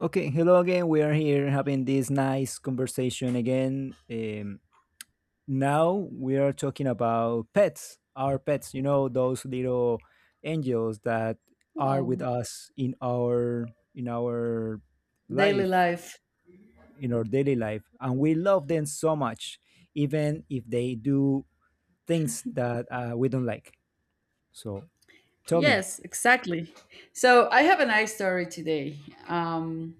Okay, hello again. We are here having this nice conversation again. Now we are talking about pets, our pets, you know, those little angels that are with Oh, us in our daily life, life. in our daily life, and we love them so much, even if they do things that we don't like. So tell me. Yes, exactly. So I have a nice story today. Um,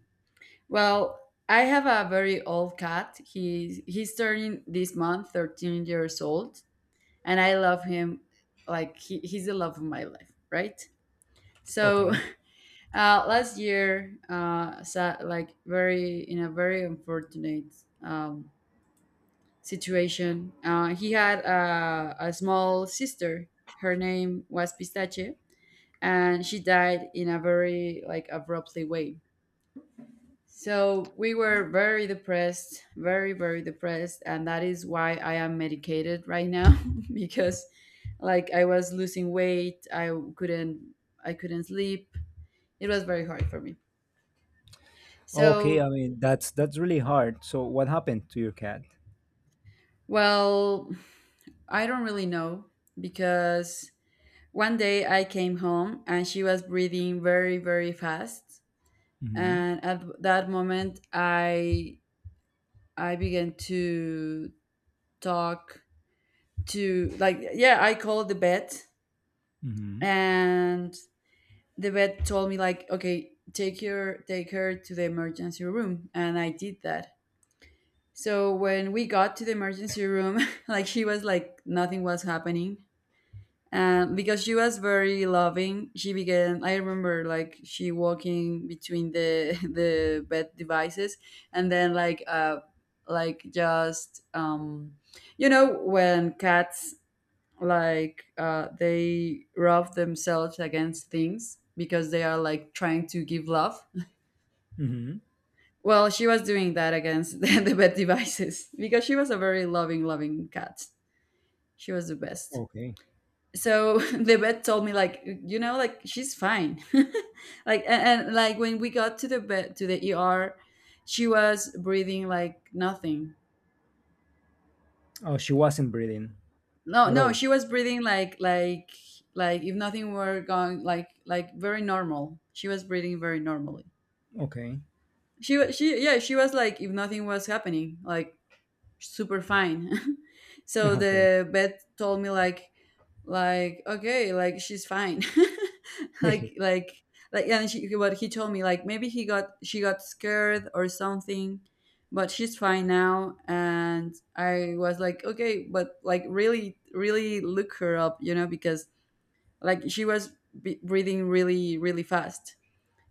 well, I have a very old cat. He's turning this month 13 years old, and I love him like he's the love of my life, right? So Okay, last year, like very in a very unfortunate um, situation, he had a small sister. Her name was Pistache, and she died in a very like abruptly way, so we were very depressed, very depressed, and that is why I am medicated right now. Because like I was losing weight, couldn't I couldn't sleep. It was very hard for me. okay. I So mean, that's really hard. So what happened to your cat? well, I don't really know, because one day I came home and she was breathing very fast. Mm-hmm. And at that moment, I began to talk to like yeah, I called the vet, and the vet told me like okay, take her to the emergency room, and I did that. So when we got to the emergency room, like she was like nothing was happening, because she was very loving. She began, I remember, like she walking between the the bed devices. And then like just you know, when cats like they rub themselves against things because they are like trying to give love. Mm-hmm. Well, she was doing that against the bed devices because she was a very loving cat. She was the best. Okay. So the vet told me like you know like she's fine. Like and like when we got to the vet, to the ER, she was breathing like nothing. Oh, she wasn't breathing no at no all. she was breathing like like if nothing were going like very normal. She was breathing very normally. Okay. She, yeah, she was like if nothing was happening, like super fine. So Okay. the vet told me like okay, like she's fine. like like and she, but he told me like maybe he got she got scared or something, but she's fine now. And I was like okay, but like really look her up, you know, because like she was breathing really fast.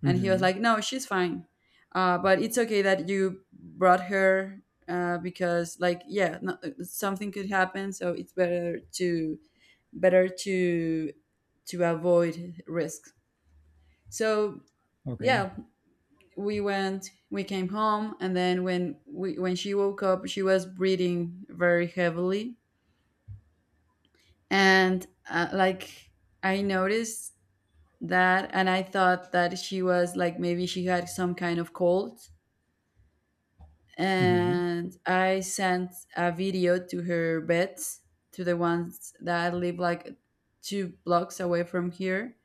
And he was Mm-hmm. like no, she's fine, but it's okay that you brought her, because like yeah no, something could happen, so it's better to better to to avoid risks. So Okay. yeah, we went, we came home. And then when we when she woke up, she was breathing very heavily. And like I noticed that, and I thought that she was like maybe she had some kind of cold. Mm-hmm. And I sent a video to her beds, to the ones that live like two blocks away from here.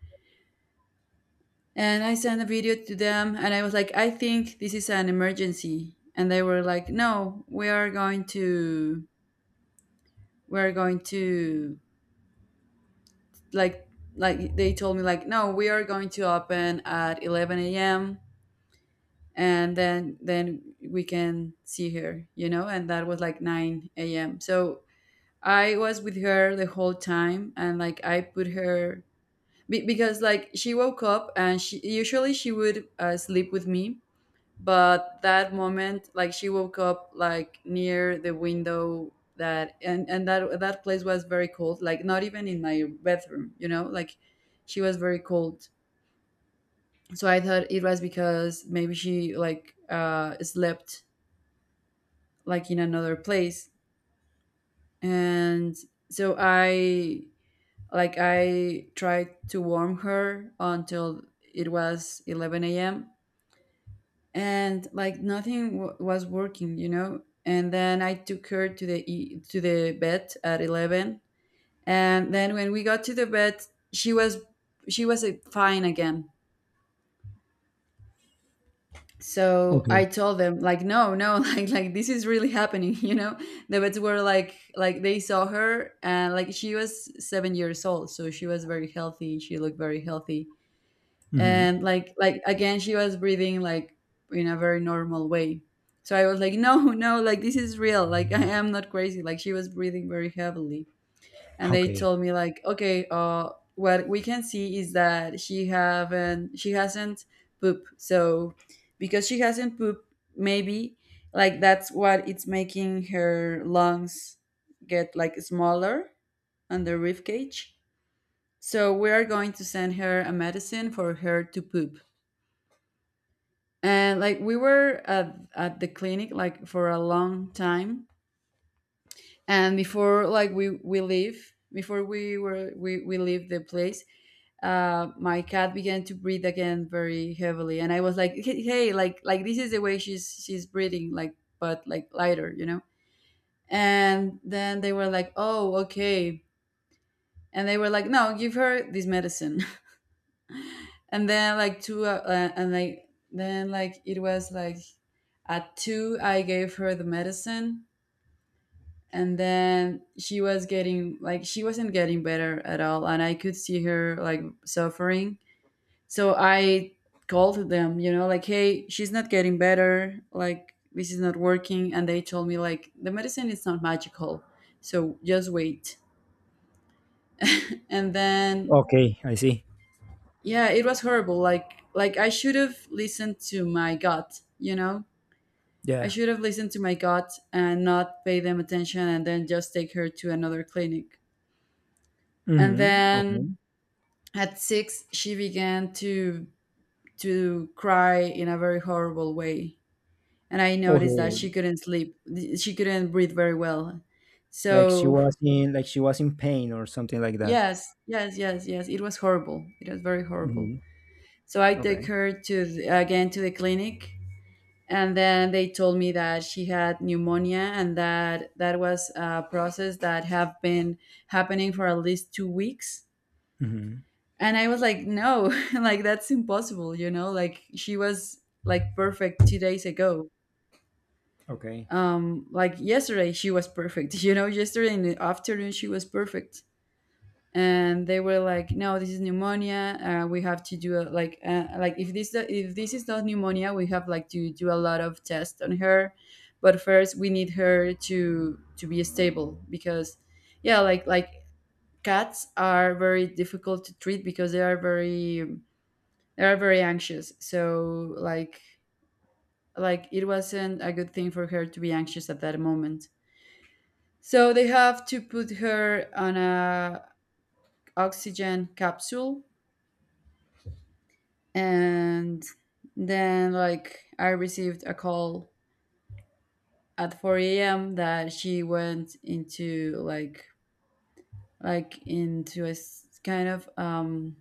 And I sent a video to them, and I was like, I think this is an emergency. And they were like, no, we are going to, we are going to, like, like they told me like, no, we are going to open at 11 a.m. And then we can see her, you know. And that was like 9 a.m. So I was with her the whole time, and like I put her because like she woke up, and she would sleep with me. But that moment like she woke up like near the window, that and that place was very cold, like not even in my bedroom, you know, like she was very cold. So I thought it was because maybe she like slept like in another place. And so I, like, I tried to warm her until it was 11 a.m. And like nothing w- was working, you know. And then I took her to the to the bed at 11, and then when we got to the bed, she was, fine again. So Okay. I told them like no no like this is really happening. You know, the vets were like they saw her, and like she was 7 years old, so she was very healthy. She looked very healthy, Mm-hmm. and like again she was breathing like in a very normal way. So I was like, no no, like this is real, like I am not crazy, like she was breathing very heavily. And they Okay. told me like okay, what we can see is that she hasn't pooped. So because she hasn't pooped, maybe like that's what it's making her lungs get like smaller on the rib cage. So we are going to send her a medicine for her to poop. And like we were at the clinic like for a long time. And before like we leave before we were we leave the place, my cat began to breathe again very heavily. And I was like hey hey," like this is the way she's breathing, like but like lighter, you know. And then they were like oh okay, and they were like no, give her this medicine. And then like two and like then like it was like at two I gave her the medicine, and then she was getting like she wasn't getting better at all, and I could see her like suffering. So I called them, you know, like hey, she's not getting better, like this is not working. And they told me like the medicine is not magical, so just wait. And then Okay. I see. yeah, it was horrible, like I should have listened to my gut, you know. I Yeah. should have listened to my gut and not pay them attention, and then just take her to another clinic. And Mm-hmm. then Okay. at six, she began to cry in a very horrible way, and I noticed that she Okay. couldn't sleep. She couldn't breathe very well. So Like she was in pain or something like that. yes, yes, yes, yes. It was horrible. It was very horrible. Mm-hmm. So I take Okay. her to again to the clinic, and then they told me that she had pneumonia, and that that was a process that have been happening for at least 2 weeks. Mm-hmm. And I was like no, like that's impossible, you know, like she was like perfect 2 days ago. Okay. Like yesterday she was perfect. You know, yesterday in the afternoon she was perfect. And they were like no, this is pneumonia. We have to do a, like if this, if this is not pneumonia, we have like to do a lot of tests on her. But first we need her to be stable, because yeah, like cats are very difficult to treat because they are very, they are very anxious. So like it wasn't a good thing for her to be anxious at that moment. So they have to put her on a oxygen capsule. And then like I received a call at 4 a.m. that she went into like into a kind of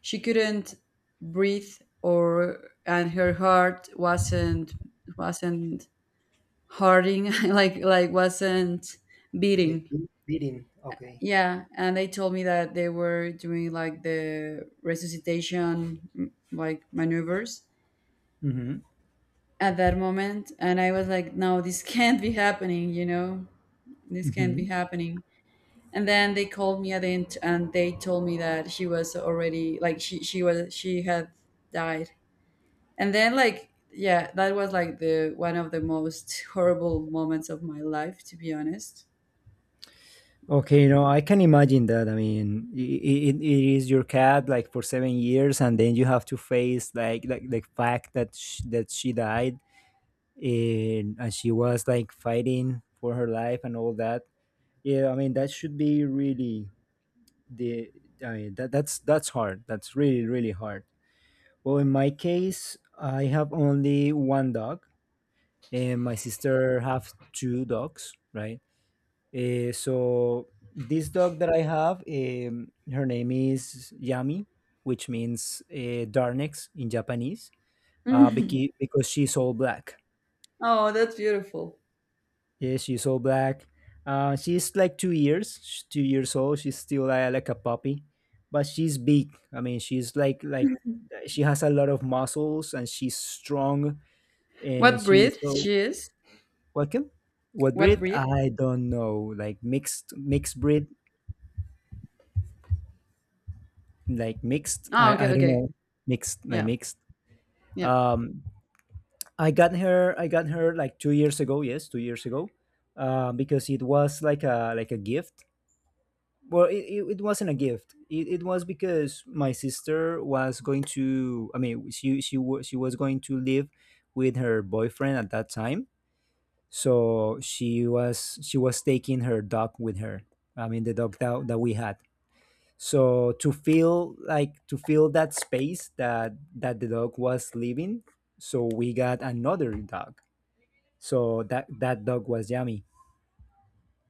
she couldn't breathe, or and her heart wasn't, wasn't hurting like wasn't Like beating. Beating. Okay. Yeah, and they told me that they were doing like the resuscitation like maneuvers Mm-hmm. at that moment. And I was like no, this can't be happening, you know. This can't be happening. And then they called me at the end, and they told me that she was already like she had died. And then like yeah, that was like the one of the most horrible moments of my life, to be honest. Okay, I can imagine that. I mean, it is your cat like for 7 years, and then you have to face like the fact that that she died, and she was like fighting for her life and all that. Yeah, I mean that should be really the. I mean that that's hard. That's really hard. Well, in my case, I have only one dog, and my sister have two dogs, right? So this dog that I have, her name is Yami, which means darnex in Japanese, uh, because, because she's all black. Oh, that's beautiful. Yeah, she's all black. She's like 2 years old. She's still like a puppy, but she's big. I mean, she's like she has a lot of muscles and she's strong and What she's breed so she is? welcome. What What breed? breed? I don't know. Like mixed breed. Like mixed. Oh, okay, I don't okay. know. Mixed, like Yeah, mixed. yeah. Um i got her i got her like 2 years ago. Yes, 2 years ago, because it was like a gift. Well, it wasn't a gift. It was because my sister was going to. I mean, she was going to live with her boyfriend at that time, so she was taking her dog with her. I mean, the dog that we had. So to feel, like, to feel that space that the dog was leaving, so we got another dog. So that dog was yummy.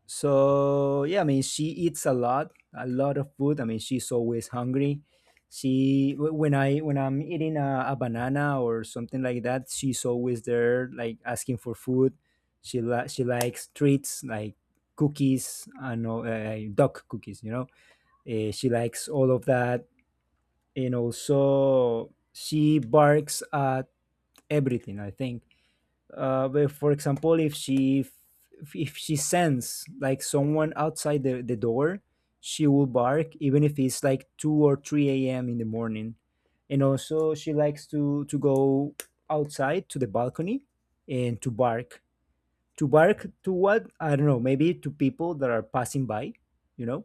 So yeah, I mean, she eats a lot of food. I mean, she's always hungry. She when I'm eating a banana or something like that, she's always there like asking for food. She likes treats like cookies, I know, duck cookies, she likes all of that. And also, she barks at everything, I think, but for example, if she sends like someone outside the door, she will bark even if it's like 2 or 3 a.m. in the morning. And also, she likes to go outside to the balcony and to bark to what I don't know, maybe to people that are passing by, you know.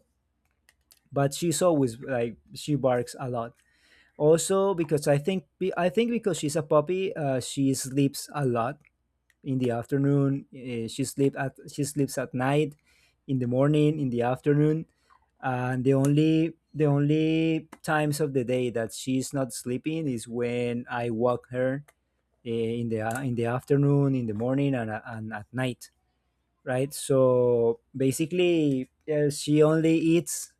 But she's always like she barks a lot. Also, because I think be- I think because she's a puppy, she sleeps a lot. In the afternoon, she sleeps at night. In the morning, in the afternoon. And the only times of the day that she's not sleeping is when I walk her, in the afternoon, in the morning, and at night. Right? So basically, yeah, she only eats,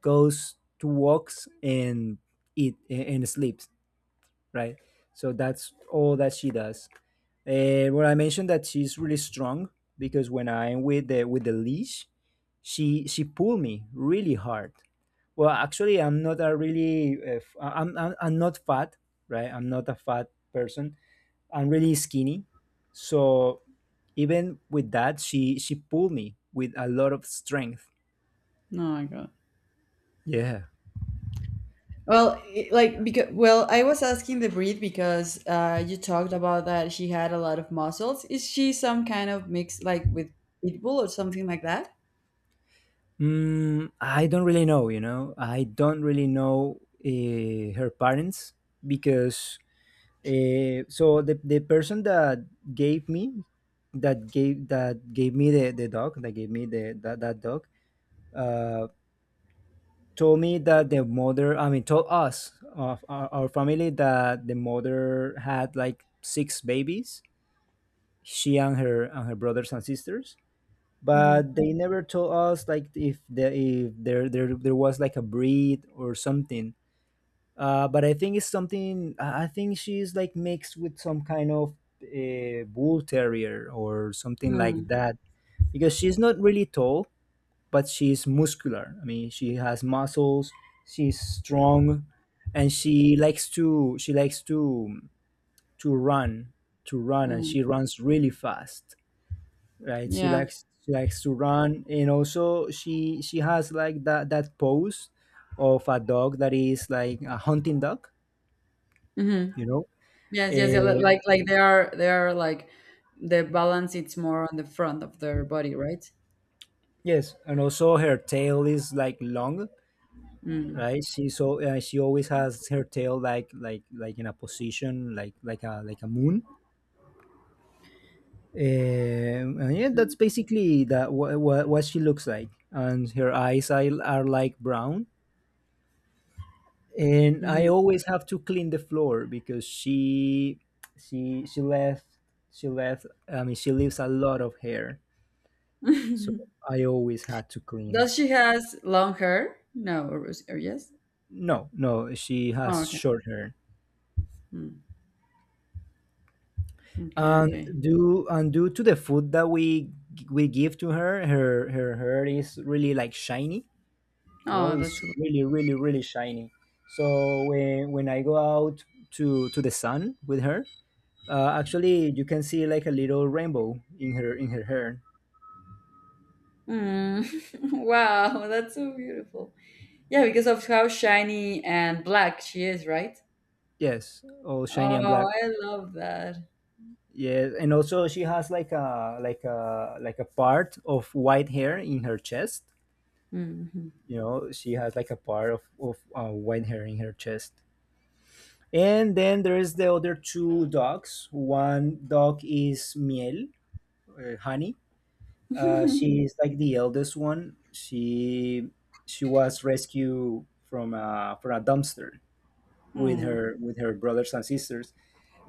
goes to walks, and sleeps. Right? So that's all that she does. Well, I mentioned that she's really strong because when I'm with the leash, she pulled me really hard. Well, actually, I'm not a really I'm not fat, right? I'm not a fat person. I'm really skinny, so even with that, she pulled me with a lot of strength. Oh my god. Yeah. Well, like because well, I was asking the breed because you talked about that she had a lot of muscles. Is she some kind of mix, like with pit bull or something like that? Mm, I don't really know, you know. I don't really know her parents because so the person that gave me gave me the dog that gave me the that, that dog, uh, told me that the mother, I mean told us of our family, that the mother had like six babies, she and her brothers and sisters, Mm-hmm. but they never told us like if there was like a breed or something. But I think it's something. I think she's like mixed with some kind of bull terrier or something like Mm, that, because she's not really tall, but she's muscular. I mean, she has muscles. She's strong, and she likes to run. And mm, she runs really fast. Right? she yeah. likes she likes to run. And also, she has like that pose of a dog that is like a hunting dog, Mm-hmm. you know. Yes, yes, yeah. Uh, like they are like the balance. It's more on the front of their body, right? yes, and also her tail is like long. Mm, Right. She she always has her tail like in a position like a moon, and yeah, that's mm, basically what she looks like. And her eyes are like brown. And I always have to clean the floor because she she left she left I mean she leaves a lot of hair, so mm-hmm. I always had to clean. Does she has long hair? No, or, or yes? No, no, she Oh, has okay. short hair. Mm, okay, And okay. due, and due to the food that we give to her, her hair is really like shiny. You know, Oh, that's it's really really really shiny. So when I go out to the sun with her, actually, you can see like a little rainbow in her hair. mm. wow. That's so beautiful. Yeah, because of how shiny and black she is, right? Yes, all shiny and black. Oh, I love that. Yes, and also she has like a part of white hair in her chest. Mhm. You know, she has like a part of white hair in her chest. And then there is the other two dogs. One dog is Miel, Honey. She is like the eldest one. She was rescued from a dumpster with Hmm. her with her brothers and sisters.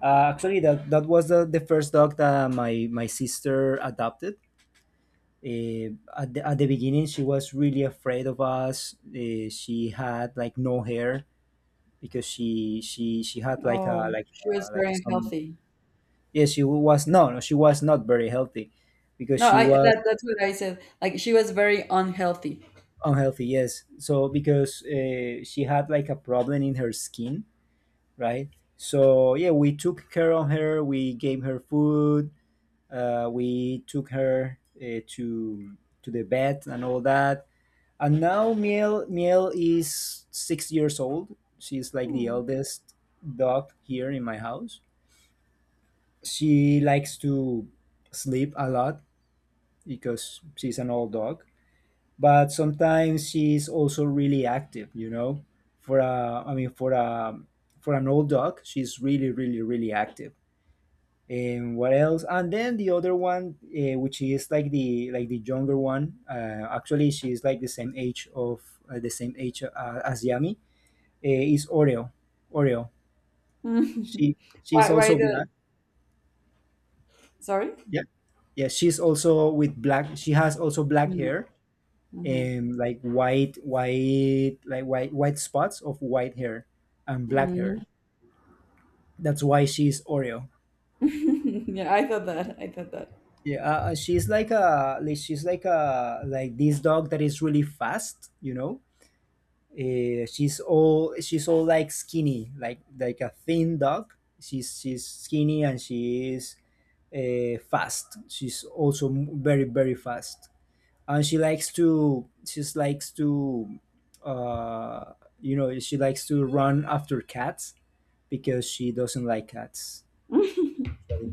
Actually, that was the first dog that my sister adopted. At the beginning, she was really afraid of us. She had like no hair because she had like a Oh, like she was a, very like some unhealthy. Yeah, she was no, no, she was not very healthy because No, she I was that that's what I said. Like she was very unhealthy. unhealthy. Yes, so because she had like a problem in her skin, right? So yeah, we took care of her, we gave her food. We took her to the vet and all that. And now Miel is 6 years old. She's like the Hmm. eldest dog here in my house. She likes to sleep a lot because she's an old dog. But sometimes she's also really active. You know, for a I mean for a for an old dog, she's really really really active. And what else? And then the other one, which is like the younger one, actually, she's like the same age, as Yami, is Oreo. she she's Why? Why also the? black. Sorry. Yeah, yeah, she has also black Hmm, hair mm-hmm. and like white spots of white hair and black Hmm. hair. That's why she's Oreo. Yeah, I thought that. I thought that. Yeah, she's like a like she's like a like this dog that is really fast, you know. She's all like skinny, like a thin dog. She's skinny and she is fast. She's also very very fast, and she likes to uh, run after cats because she doesn't like cats. So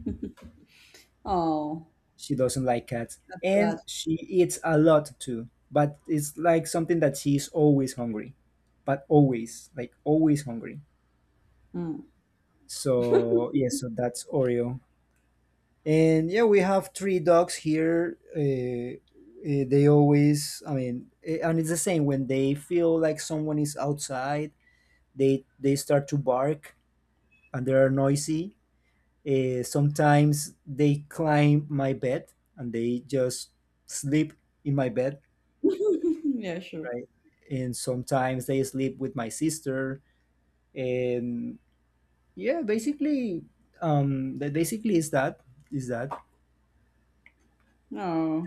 Oh, she doesn't like cats. that's sad. And she eats a lot too. But it's like something that she's always hungry. But always, like, always hungry. So Mm. yeah, so that's Oreo. And yeah, we have three dogs here. They always, I mean, and it's the same when they feel like someone is outside, they start to bark, and they are noisy. Sometimes they climb my bed and they just sleep in my bed. Yeah, sure. Right? And sometimes they sleep with my sister. And yeah, basically, that basically is that,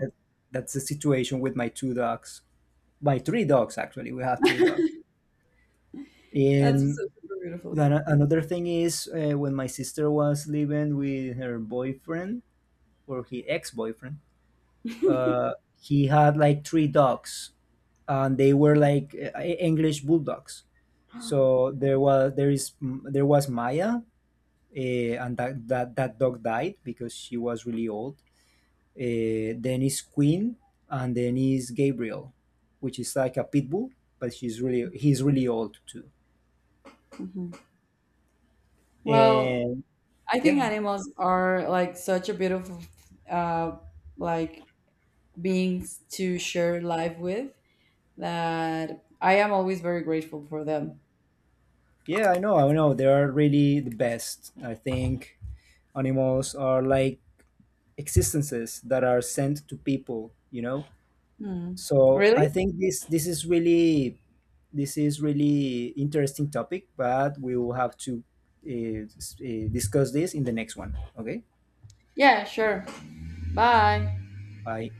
that that's the situation with my two dogs, my three dogs actually. We have three dogs. that's And so super beautiful. then another thing is, when my sister was living with her boyfriend, or her ex-boyfriend. Uh, he had like three dogs, and they were like English bulldogs. So there was Maya, uh, and that dog died because she was really old. Then is Queen, and then is Gabriel, which is like a pit bull, but she's really he's really old too. Mhm. Well, And I think yeah, animals are like such a beautiful, uh, like beings to share life with, that I am always very grateful for them. yeah, I know, I know. They are really the best. I think animals are like existences that are sent to people. Mm. So I Really? think this. This is really interesting topic, but we will have to discuss this in the next one. Okay, Yeah, sure. Bye. bye.